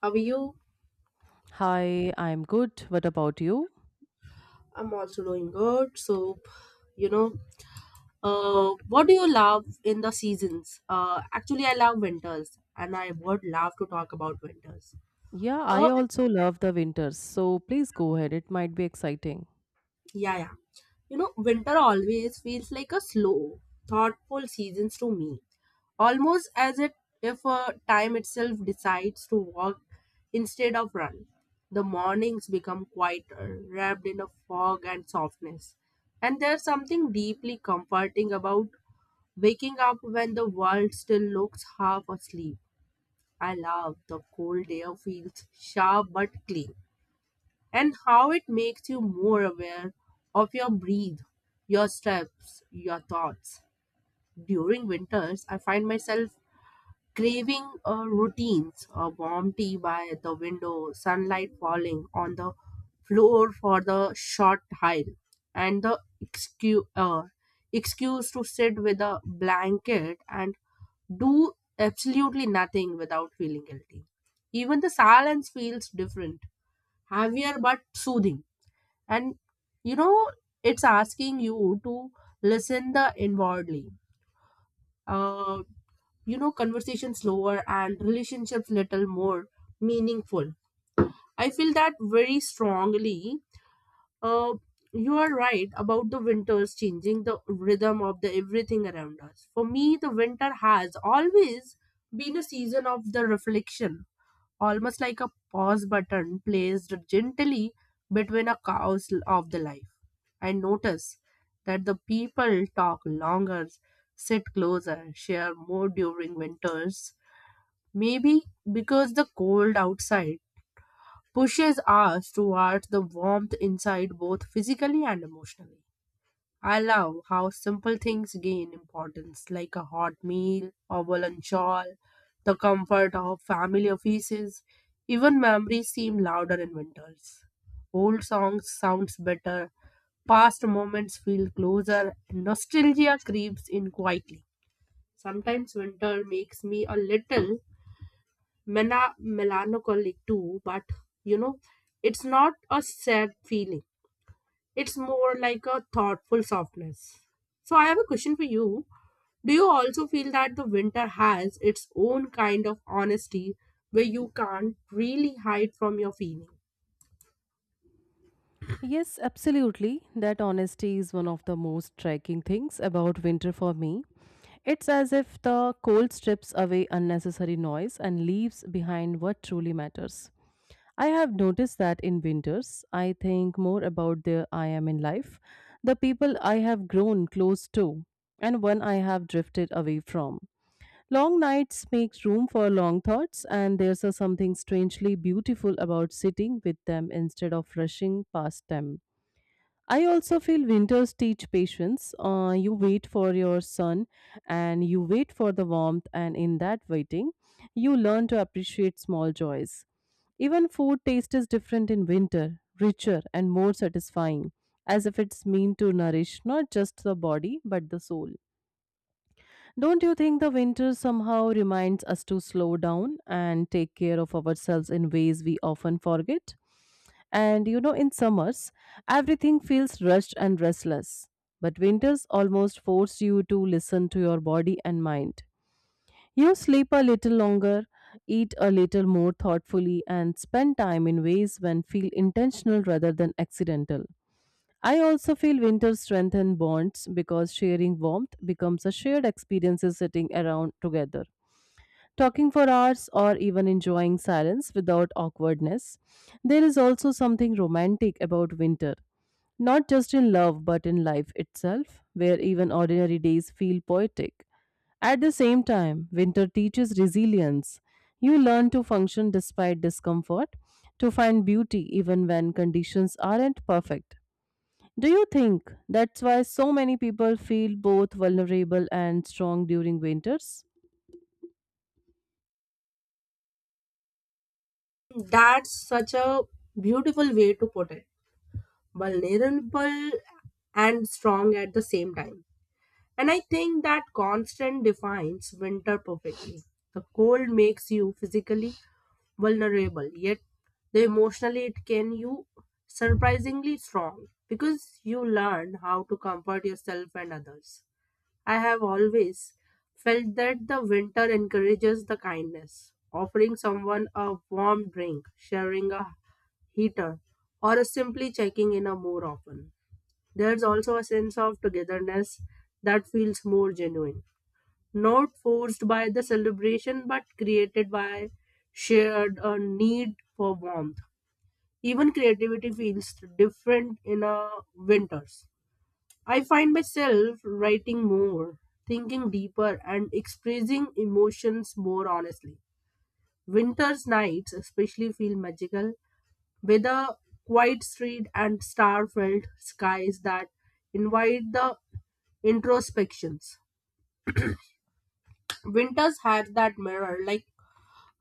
How are you? Hi, I'm good. What about you? I'm also doing good. So, you know, what do you love in the seasons? Actually, I love winters, and I would love to talk about winters. Yeah, I Uh, also love the winters. So please go ahead. It might be exciting. Yeah, yeah. You know, winter always feels like a slow, thoughtful season to me. Almost if time itself decides to walk instead of run. The mornings become quieter, wrapped in a fog and softness. And there's something deeply comforting about waking up when the world still looks half asleep. I love the cold air feels sharp but clean, and how it makes you more aware of your breath, your steps, your thoughts. During winters, I find myself craving routines, a warm tea by the window, sunlight falling on the floor for the short hike, and the excuse to sit with a blanket and do absolutely nothing without feeling guilty. Even the silence feels different, heavier but soothing, and you know it's asking you to listen the inwardly, uh, conversation slower and relationships little more meaningful. I feel that very strongly. uh, you are right about the winters changing the rhythm of the everything around us. For me, the winter has always been a season of the reflection, almost like a pause button placed gently between a cows of the life. I notice that the people talk longer, sit closer, share more during winters. Maybe because the cold outside pushes us towards the warmth inside, both physically and emotionally. I love how simple things gain importance, like a hot meal, a woolen shawl, the comfort of family offices. Even memories seem louder in winters. Old songs sounds better, past moments feel closer, and nostalgia creeps in quietly. Sometimes winter makes me a little melancholic too, but you know, it's not a sad feeling. It's more like a thoughtful softness. So I have a question for you. Do you also feel that the winter has its own kind of honesty where you can't really hide from your feeling? Yes, absolutely. That honesty is one of the most striking things about winter for me. It's as if the cold strips away unnecessary noise and leaves behind what truly matters. I have noticed that in winters, I think more about the I am in life, the people I have grown close to, and one I have drifted away from. Long nights make room for long thoughts, and there's a something strangely beautiful about sitting with them instead of rushing past them. I also feel winters teach patience. You wait for your sun and you wait for the warmth, and in that waiting, you learn to appreciate small joys. Even food taste is different in winter, richer and more satisfying, as if it's meant to nourish not just the body but the soul. Don't you think the winter somehow reminds us to slow down and take care of ourselves in ways we often forget? And you know, in summers, everything feels rushed and restless. But winters almost force you to listen to your body and mind. You sleep a little longer, eat a little more thoughtfully, and spend time in ways when feel intentional rather than accidental. I also feel winter strengthen bonds because sharing warmth becomes a shared experience is sitting around together talking for hours or even enjoying silence without awkwardness. There is also something romantic about winter, not just in love but in life itself, where even ordinary days feel poetic. At the same time, winter teaches resilience. You learn to function despite discomfort, to find beauty even when conditions aren't perfect. Do you think that's why so many people feel both vulnerable and strong during winters? That's such a beautiful way to put it. Vulnerable and strong at the same time. And I think that constant defines winter perfectly. The cold makes you physically vulnerable, yet the emotionally it can you surprisingly strong, because you learn how to comfort yourself and others. I have always felt that the winter encourages the kindness, offering someone a warm drink, sharing a heater, or simply checking in a more often. There's also a sense of togetherness that feels more genuine, not forced by the celebration but created by shared need for warmth. Even creativity feels different in a winters. I find myself writing more, thinking deeper, and expressing emotions more honestly. Winter's nights especially feel magical, with a quiet street and star-filled skies that invite the introspections. Winters has that mirror like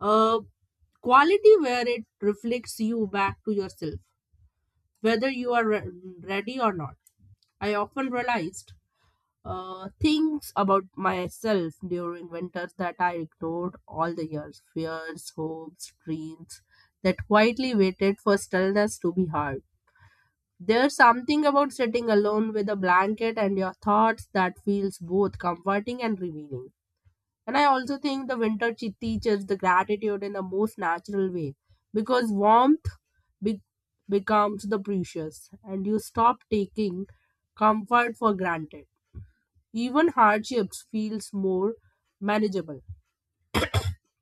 a quality where it reflects you back to yourself, whether you are ready or not. I often realized things about myself during winters that I ignored all the years: fears, hopes, dreams that quietly waited for stillness to be heard. There's something about sitting alone with a blanket and your thoughts that feels both comforting and revealing. And I also think the winter teaches the gratitude in the most natural way, because warmth be- becomes the precious and you stop taking comfort for granted. Even hardships feels more manageable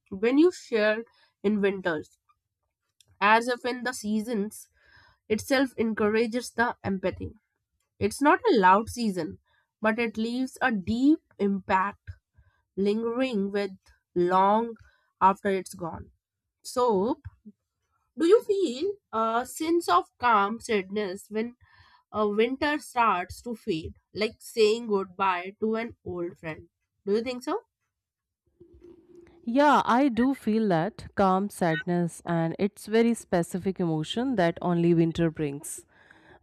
when you share in winters, as if in the seasons itself encourages the empathy. It's not a loud season, but it leaves a deep impact, lingering with long after it's gone. So, do you feel a sense of calm sadness when winter starts to fade, like saying goodbye to an old friend? Do you think so? Yeah, I do feel that calm sadness, and it's very specific emotion that only winter brings.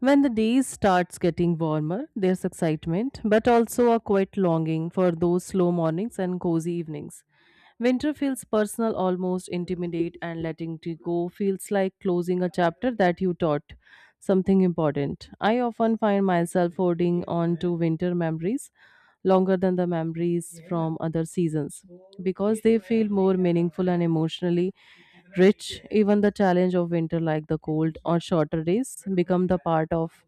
When the days starts getting warmer, there's excitement, but also a quiet longing for those slow mornings and cozy evenings. Winter feels personal, almost intimate, and letting it go feels like closing a chapter that you taught something important. I often find myself holding on to winter memories longer than the memories from other seasons because they feel more meaningful and emotionally rich. Even the challenge of winter, like the cold or shorter days, become the part of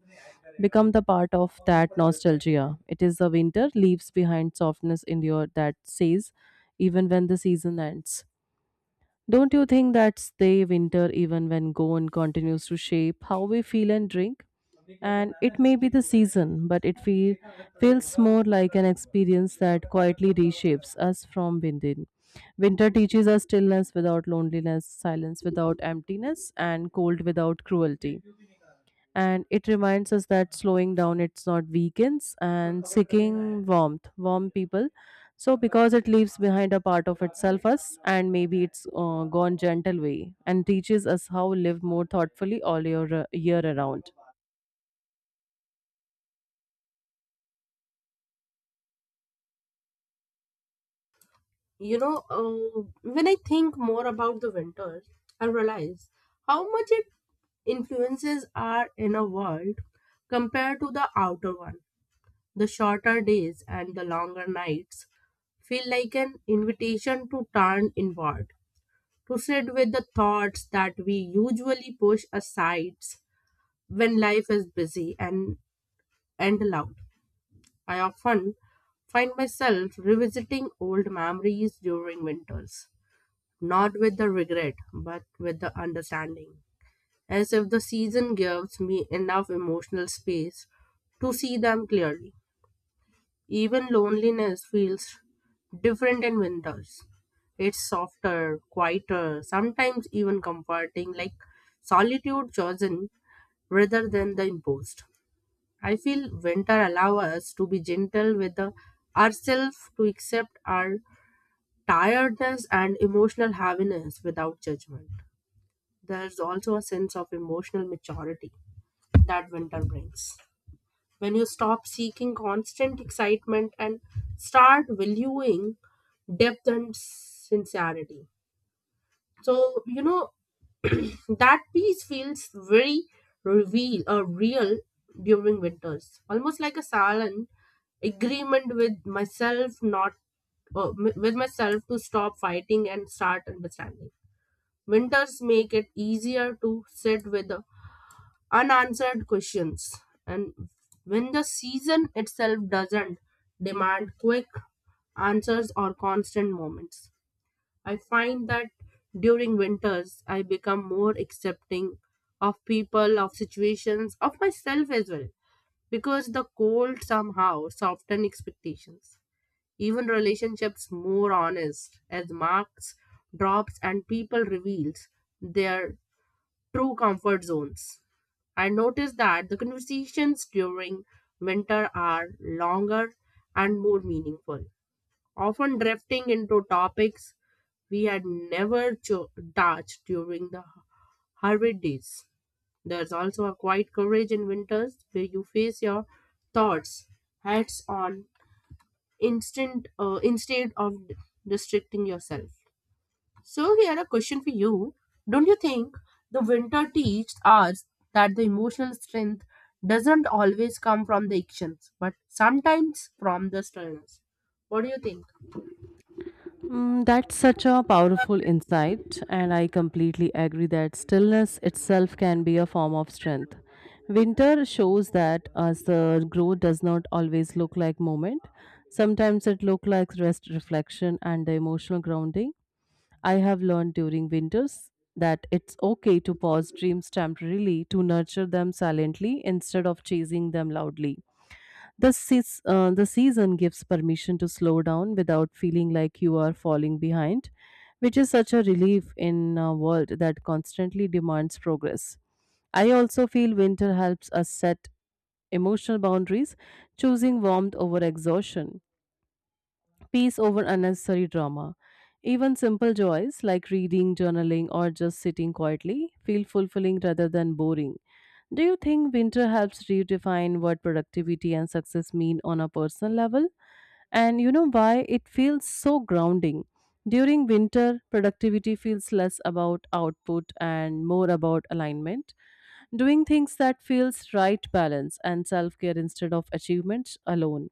Become the part of that nostalgia. It is the winter, leaves behind softness in your that says, even when the season ends. Don't you think that stay winter even when gone continues to shape how we feel and drink? And it may be the season, but feels more like an experience that quietly reshapes us from within. Winter teaches us stillness without loneliness, silence without emptiness, and cold without cruelty and it reminds us that slowing down it's not weakens and seeking warmth warm people so because it leaves behind a part of itself us and maybe it's gone gentle way and teaches us how live more thoughtfully all year year around. You know, when I think more about the winters, I realize how much it influences our inner world compared to the outer one. The shorter days and the longer nights feel like an invitation to turn inward, proceed with the thoughts that we usually push aside when life is busy and loud. I often find myself revisiting old memories during winters, not with the regret, but with the understanding, as if the season gives me enough emotional space to see them clearly. Even loneliness feels different in winters. It's softer, quieter, sometimes even comforting, like solitude chosen rather than the imposed. I feel winter allows us to be gentle with ourselves, to accept our tiredness and emotional heaviness without judgment. There's also a sense of emotional maturity that winter brings when you stop seeking constant excitement and start valuing depth and sincerity. So, you know, that piece feels very reveal real during winters, almost like a silent agreement with myself, not m- with myself to stop fighting and start understanding. Winters make it easier to sit with the unanswered questions. And when the season itself doesn't demand quick answers or constant moments, I find that during winters, I become more accepting of people, of situations, of myself as well, because the cold somehow softens expectations. Even relationships more honest as marks drops and people reveals their true comfort zones. I notice that the conversations during winter are longer and more meaningful, often drifting into topics we had never touched during the Harvard days. There's also a quiet courage in winters where you face your thoughts heads on, instant instead of restricting yourself. So here a question for you. Don't you think the winter teaches us that the emotional strength doesn't always come from the actions, but sometimes from the stillness? What do you think? Mm, that's such a powerful insight, and I completely agree that stillness itself can be a form of strength. Winter shows that as the growth does not always look like movement, sometimes it looks like rest, reflection, and the emotional grounding. I have learned during winters that it's okay to pause dreams temporarily to nurture them silently instead of chasing them loudly. The season gives permission to slow down without feeling like you are falling behind, which is such a relief in a world that constantly demands progress. I also feel winter helps us set emotional boundaries, choosing warmth over exhaustion peace over unnecessary drama. Even simple joys like reading, journaling, or just sitting quietly feel fulfilling rather than boring. Do you think winter helps redefine what productivity and success mean on a personal level? And you know why it feels so grounding. During winter, productivity feels less about output and more about alignment, doing things that feels right balance and self-care instead of achievements alone.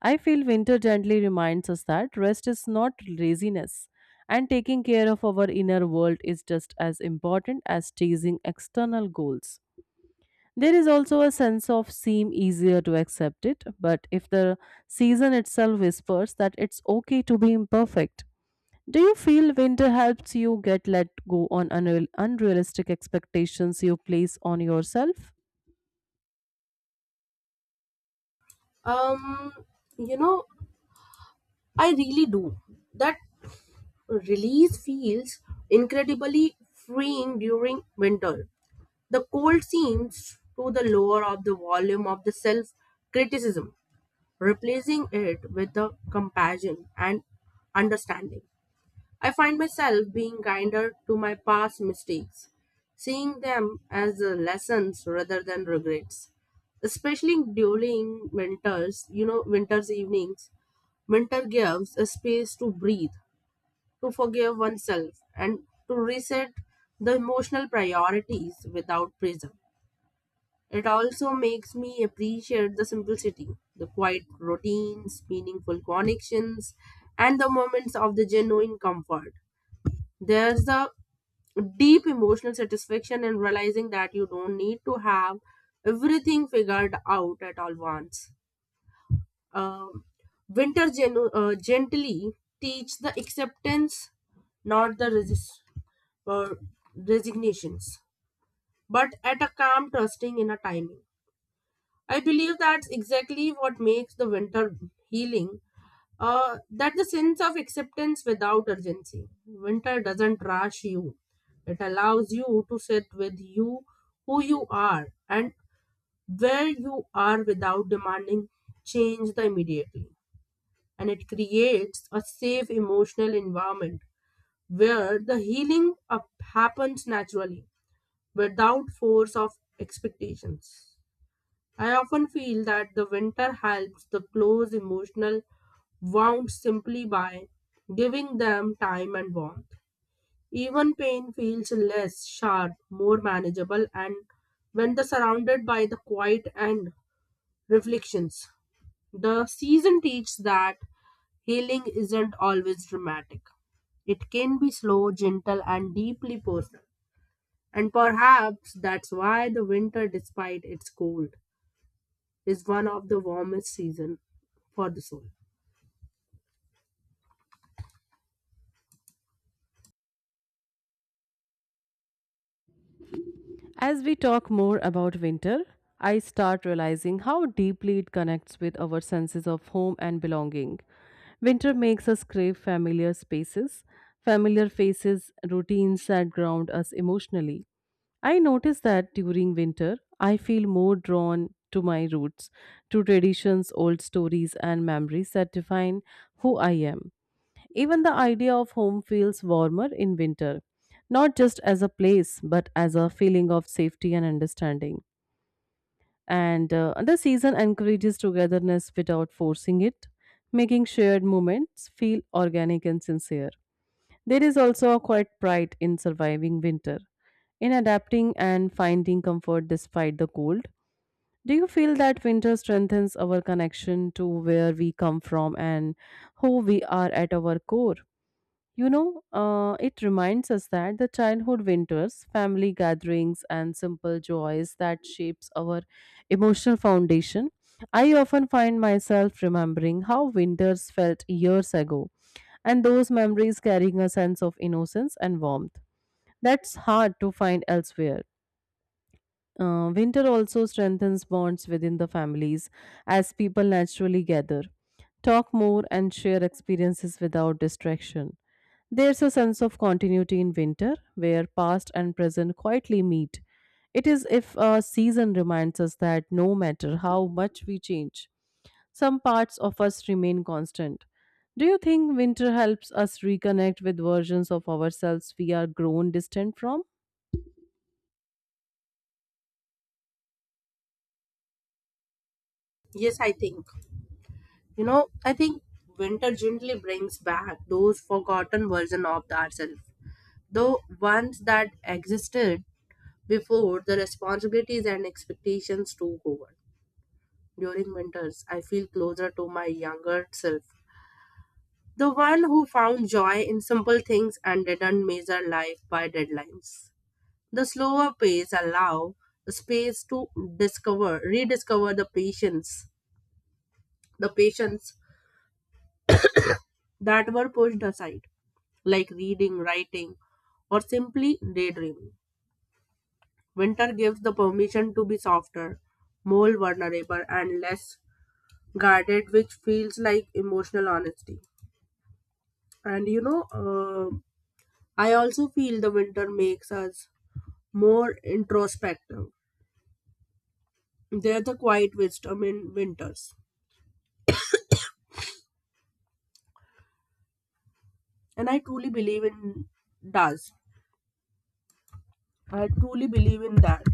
I feel winter gently reminds us that rest is not laziness, and taking care of our inner world is just as important as chasing external goals. There is also a sense of seem easier to accept it, but if the season itself whispers that it's okay to be imperfect. Do you feel winter helps you get let go on unrealistic expectations you place on yourself? Um, you know, I really do. That release feels incredibly freeing during winter. The cold seems to the lower of the volume of the self criticism, replacing it with the compassion and understanding. I find myself being kinder to my past mistakes, seeing them as lessons rather than regrets. Especially during winters, you know, winter's evenings, winter gives a space to breathe, to forgive oneself, and to reset the emotional priorities without pressure. It also makes me appreciate the simplicity, the quiet routines, meaningful connections, and the moments of the genuine comfort. There's a deep emotional satisfaction in realizing that you don't need to have everything figured out at all once. Um, Winter gently teach the acceptance, not the uh, resignations, but at a calm trusting in a timing. I believe that's exactly what makes the winter healing. That the sense of acceptance without urgency. Winter doesn't rush you. It allows you to sit with you, who you are, and where you are without demanding change the immediately. And it creates a safe emotional environment where the healing up happens naturally without force of expectations. I often feel that the winter helps the close emotional wounds simply by giving them time and warmth. Even pain feels less sharp, more manageable, and when the surrounded by the quiet and reflections. The season teaches that healing isn't always dramatic. It can be slow, gentle, and deeply personal. And perhaps that's why the winter, despite its cold, is one of the warmest season for the soul. As we talk more about winter, I start realizing how deeply it connects with our senses of home and belonging. Winter makes us crave familiar spaces, familiar faces, routines that ground us emotionally. I notice that during winter, I feel more drawn to my roots, to traditions, old stories, and memories that define who I am. Even the idea of home feels warmer in winter, not just as a place, but as a feeling of safety and understanding. And the season encourages togetherness without forcing it, making shared moments feel organic and sincere. There is also a quiet pride in surviving winter, in adapting and finding comfort despite the cold. Do you feel that winter strengthens our connection to where we come from and who we are at our core? You know, it reminds us that the childhood winters, family gatherings, and simple joys that shapes our emotional foundation. I often find myself remembering how winters felt years ago, and those memories carrying a sense of innocence and warmth. That's hard to find elsewhere. Winter also strengthens bonds within the families as people naturally gather, talk more, and share experiences without distraction. There's a sense of continuity in winter where past and present quietly meet. It is if a season reminds us that no matter how much we change, some parts of us remain constant. Do you think winter helps us reconnect with versions of ourselves we are grown distant from? Yes, I think. You know, I think winter gently brings back those forgotten version of ourselves. The ones that existed before the responsibilities and expectations took over. During winters, I feel closer to my younger self. The one who found joy in simple things and didn't measure life by deadlines. The slower pace allow space to rediscover the patience, the passions that were pushed aside, like reading, writing, or simply daydreaming. Winter gives the permission to be softer, more vulnerable, and less guarded, which feels like emotional honesty. And you know, I also feel the winter makes us more introspective. There's the quiet wisdom in winters, and I truly believe in does. I truly believe in that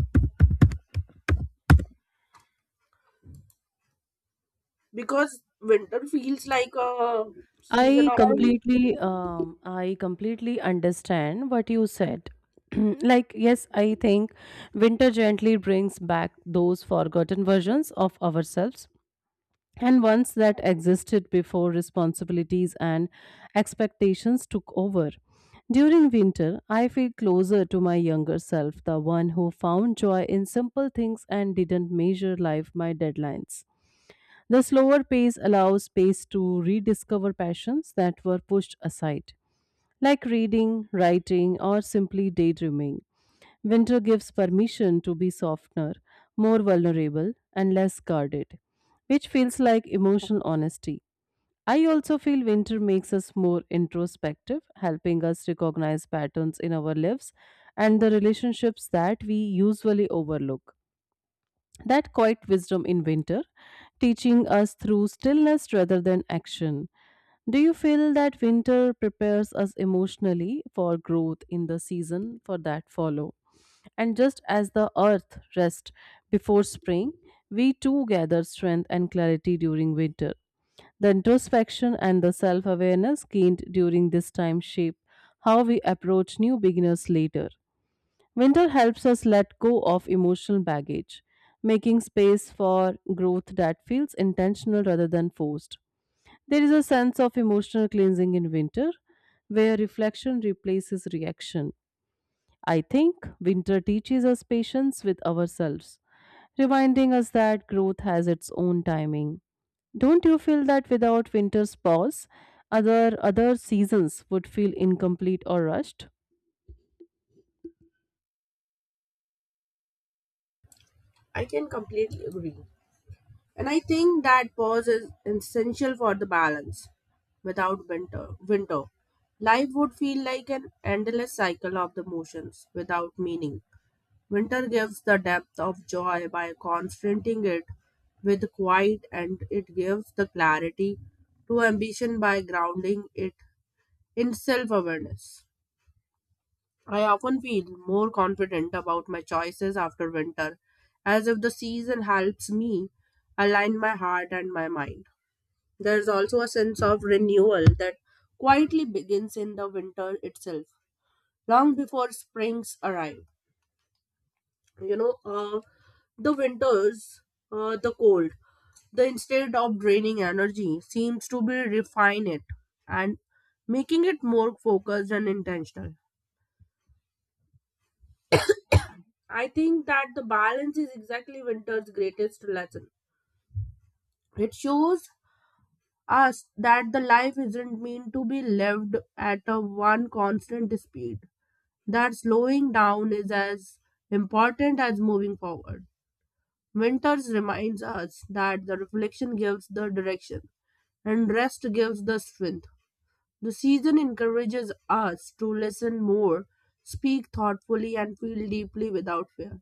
because winter feels like a season of relief. I completely understand what you said. Like, yes, I think winter gently brings back those forgotten versions of ourselves and ones that existed before responsibilities and expectations took over. During winter, I feel closer to my younger self, the one who found joy in simple things and didn't measure life by deadlines. The slower pace allows space to rediscover passions that were pushed aside, like reading, writing, or simply daydreaming. Winter gives permission to be softer, more vulnerable, and less guarded, which feels like emotional honesty. I also feel winter makes us more introspective, helping us recognize patterns in our lives and the relationships that we usually overlook. That quiet wisdom in winter, teaching us through stillness rather than action. Do you feel that winter prepares us emotionally for growth in the season for that follow? And just as the earth rests before spring, we too gather strength and clarity during winter. The introspection and the self awareness gained during this time shape how we approach new beginners later. Winter helps us let go of emotional baggage, making space for growth that feels intentional rather than forced. There is a sense of emotional cleansing in winter where reflection replaces reaction. I think winter teaches us patience with ourselves, reminding us that growth has its own timing. Don't you feel that without winter's pause, other seasons would feel incomplete or rushed? I can completely agree. And I think that pause is essential for the balance. Without winter, life would feel like an endless cycle of the motions without meaning. Winter gives the depth of joy by confronting it with quiet, and it gives the clarity to ambition by grounding it in self awareness. I often feel more confident about my choices after winter, as if the season helps me align my heart and my mind. There's also a sense of renewal that quietly begins in the winter itself, long before springs arrive. You know, the winters, the cold, the instead of draining energy, seems to be refine it and making it more focused and intentional. I think that the balance is exactly winter's greatest lesson. It shows us that the life isn't meant to be lived at a one constant speed. That slowing down is as important as moving forward. Winters reminds us that the reflection gives the direction and rest gives the strength. The season encourages us to listen more, speak thoughtfully and feel deeply without fear.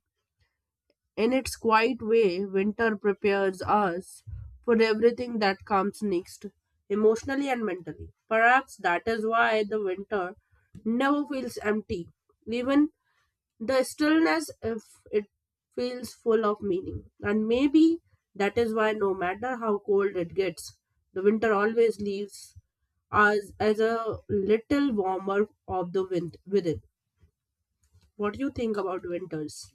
In its quiet way, winter prepares us for everything that comes next, emotionally and mentally. Perhaps that is why the winter never feels empty. Even the stillness, if it feels full of meaning. And maybe that is why, no matter how cold it gets, the winter always leaves us as a little warmer of the wind within. What do you think about winters?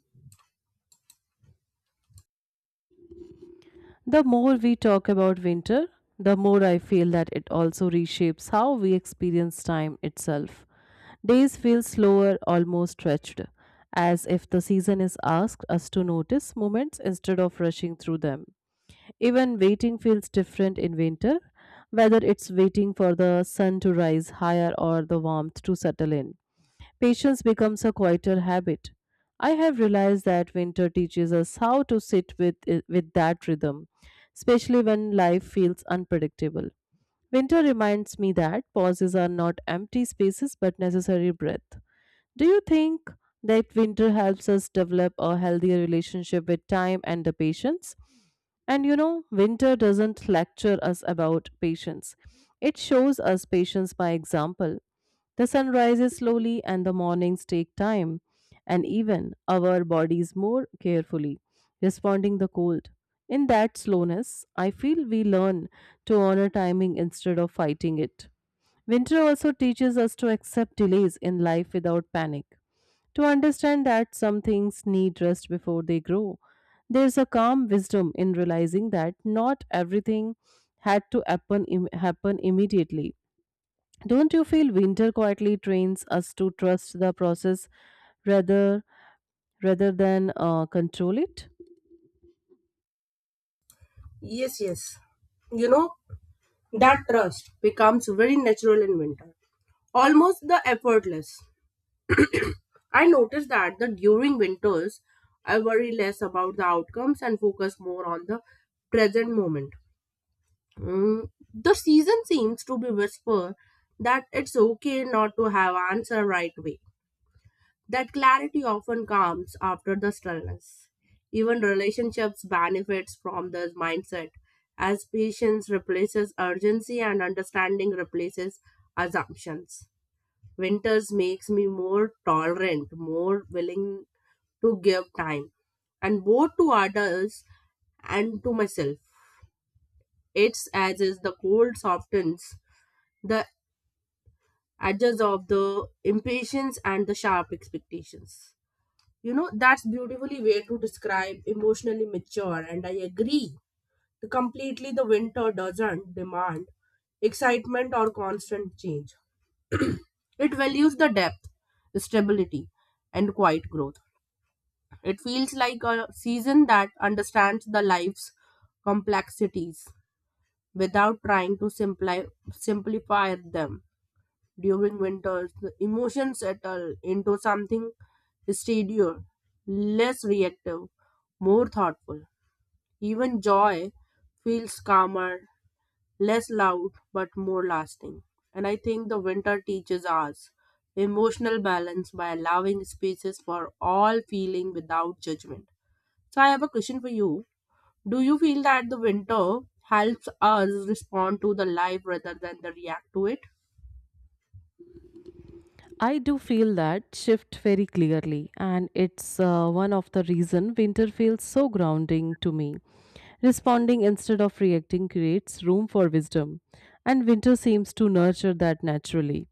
The more we talk about winter, the more I feel that it also reshapes how we experience time itself. Days feel slower, almost stretched, as if the season is asked us to notice moments instead of rushing through them. Even waiting feels different in winter, whether it's waiting for the sun to rise higher or the warmth to settle in. Patience becomes a quieter habit. I have realized that winter teaches us how to with that rhythm, especially when life feels unpredictable. Winter reminds me that pauses are not empty spaces but necessary breath. Do you think that winter helps us develop a healthier relationship with time and the patience? And you know, winter doesn't lecture us about patience. It shows us patience by example. The sun rises slowly and the mornings take time, and even our bodies more carefully, responding the cold. In that slowness, I feel we learn to honor timing instead of fighting it. Winter also teaches us to accept delays in life without panic, to understand that some things need rest before they grow. There's a calm wisdom in realizing that not everything had to happen, im- happen immediately. Don't you feel winter quietly trains us to trust the process rather rather than control it? Yes, yes. You know, that trust becomes very natural in winter, almost the effortless. I notice that the during winters, I worry less about the outcomes and focus more on the present moment. The season seems to be whisper that it's okay not to have answer right away. That clarity often comes after the stillness. Even relationships benefits from this mindset as patience replaces urgency and understanding replaces assumptions. Winters makes me more tolerant, more willing to give time and both to others and to myself. It's as is the cold softens the edges of the impatience and the sharp expectations. You know, that's beautifully way to describe emotionally mature, and I agree. Completely, the winter doesn't demand excitement or constant change. It values the depth, stability, and quiet growth. It feels like a season that understands the life's complexities without trying to simplify them. During winters, the emotions settle into something steadier, less reactive, more thoughtful. Even joy feels calmer, less loud, but more lasting. And I think the winter teaches us emotional balance by allowing spaces for all feeling without judgment. So I have a question for you. Do you feel that the winter helps us respond to the life rather than the react to it? I do feel that shift very clearly, and it's one of the reason winter feels so grounding to me. Responding instead of reacting creates room for wisdom, and winter seems to nurture that naturally.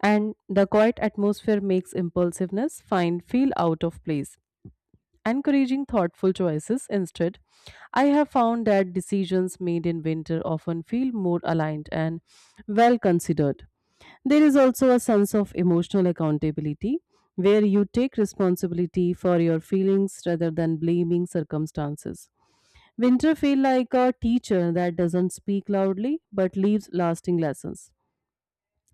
And the quiet atmosphere makes impulsiveness find feel out of place encouraging thoughtful choices instead. I have found that decisions made in winter often feel more aligned and well considered. There is also a sense of emotional accountability where you take responsibility for your feelings rather than blaming circumstances. Winter feel like a teacher that doesn't speak loudly but leaves lasting lessons.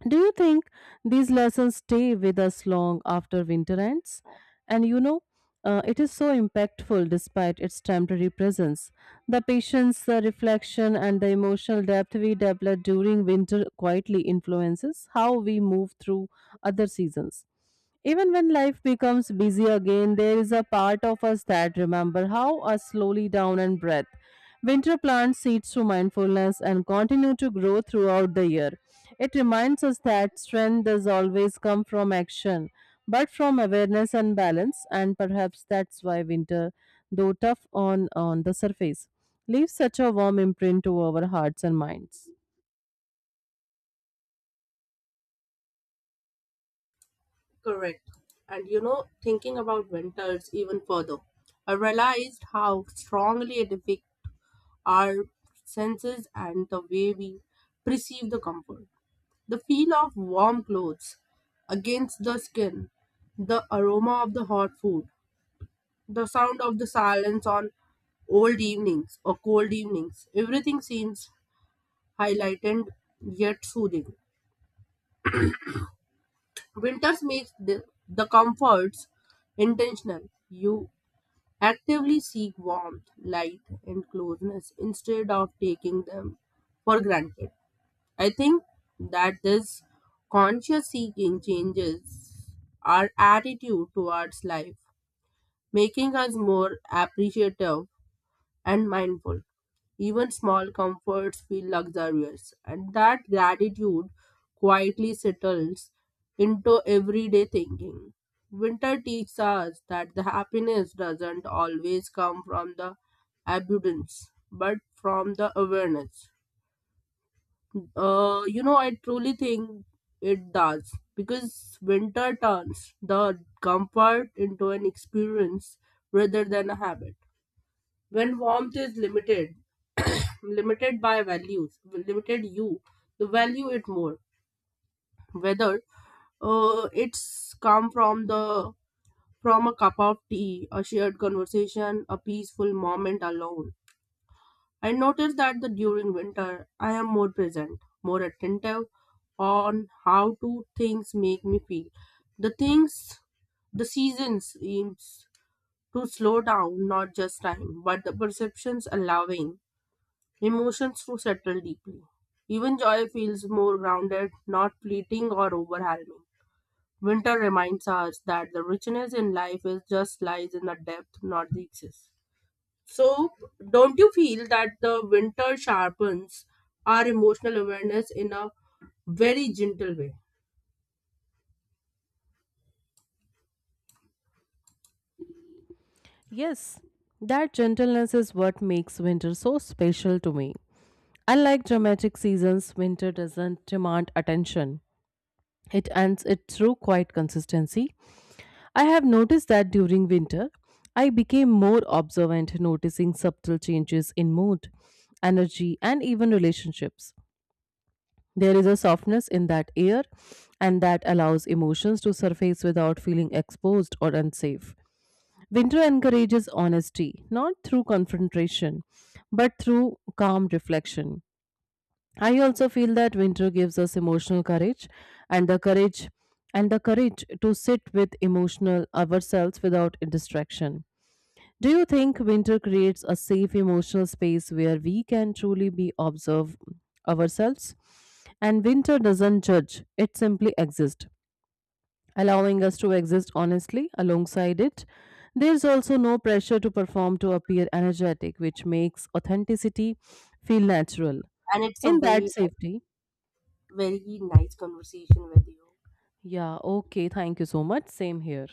Do you think these lessons stay with us long after winter ends? And you know, it is so impactful despite its temporary presence. The patience, the reflection, and the emotional depth we develop during winter quietly influences how we move through other seasons. Even when life becomes busy again, there is a part of us that remember how us slowly down and breath. Winter plants seeds through mindfulness and continue to grow throughout the year. It reminds us that strength does always come from action, but from awareness and balance, and perhaps that's why winter, though on the surface, leaves such a warm imprint to our hearts and minds. Correct. And you know, thinking about winters even further, I realized how strongly it affects our senses and the way we perceive the comfort. The feel of warm clothes against the skin, the aroma of the hot food, the sound of the silence on old evenings or cold evenings. Everything seems highlighted yet soothing. Winters makes the comforts intentional. You actively seek warmth, light, and closeness instead of taking them for granted. I think that this conscious seeking changes our attitude towards life, making us more appreciative and mindful. Even small comforts feel luxurious, and that gratitude quietly settles into everyday thinking. Winter teaches us that the happiness doesn't always come from the abundance, but from the awareness. You know, I truly think it does because winter turns the comfort into an experience rather than a habit. When warmth is limited, limited by values, limited you, the value it more. Whether it's come from the from a cup of tea, a shared conversation, a peaceful moment alone. I notice that the during winter I am more present, more attentive on how to things make me feel. The things the season seems to slow down not just time, but the perceptions allowing emotions to settle deeply. Even joy feels more grounded, not fleeting or overwhelming. Winter reminds us that the richness in life is just lies in the depth, not the excess. So, don't you feel that the winter sharpens our emotional awareness in a very gentle way? Yes, that gentleness is what makes winter so special to me. Unlike dramatic seasons, winter doesn't demand attention. It ends it through quiet consistency. I have noticed that during winter, I became more observant, noticing subtle changes in mood, energy, and even relationships. There is a softness in that air, and that allows emotions to surface without feeling exposed or unsafe. Winter encourages honesty, not through confrontation, but through calm reflection. I also feel that winter gives us emotional courage and the courage and the courage to sit with emotional ourselves without distraction. Do you think winter creates a safe emotional space where we can truly be observe ourselves? And winter doesn't judge, it simply exists, allowing us to exist honestly alongside it. There's also no pressure to perform to appear energetic, which makes authenticity feel natural. And it's a In that safety, very nice conversation with you. yeah, okay, thank you so much. Same here.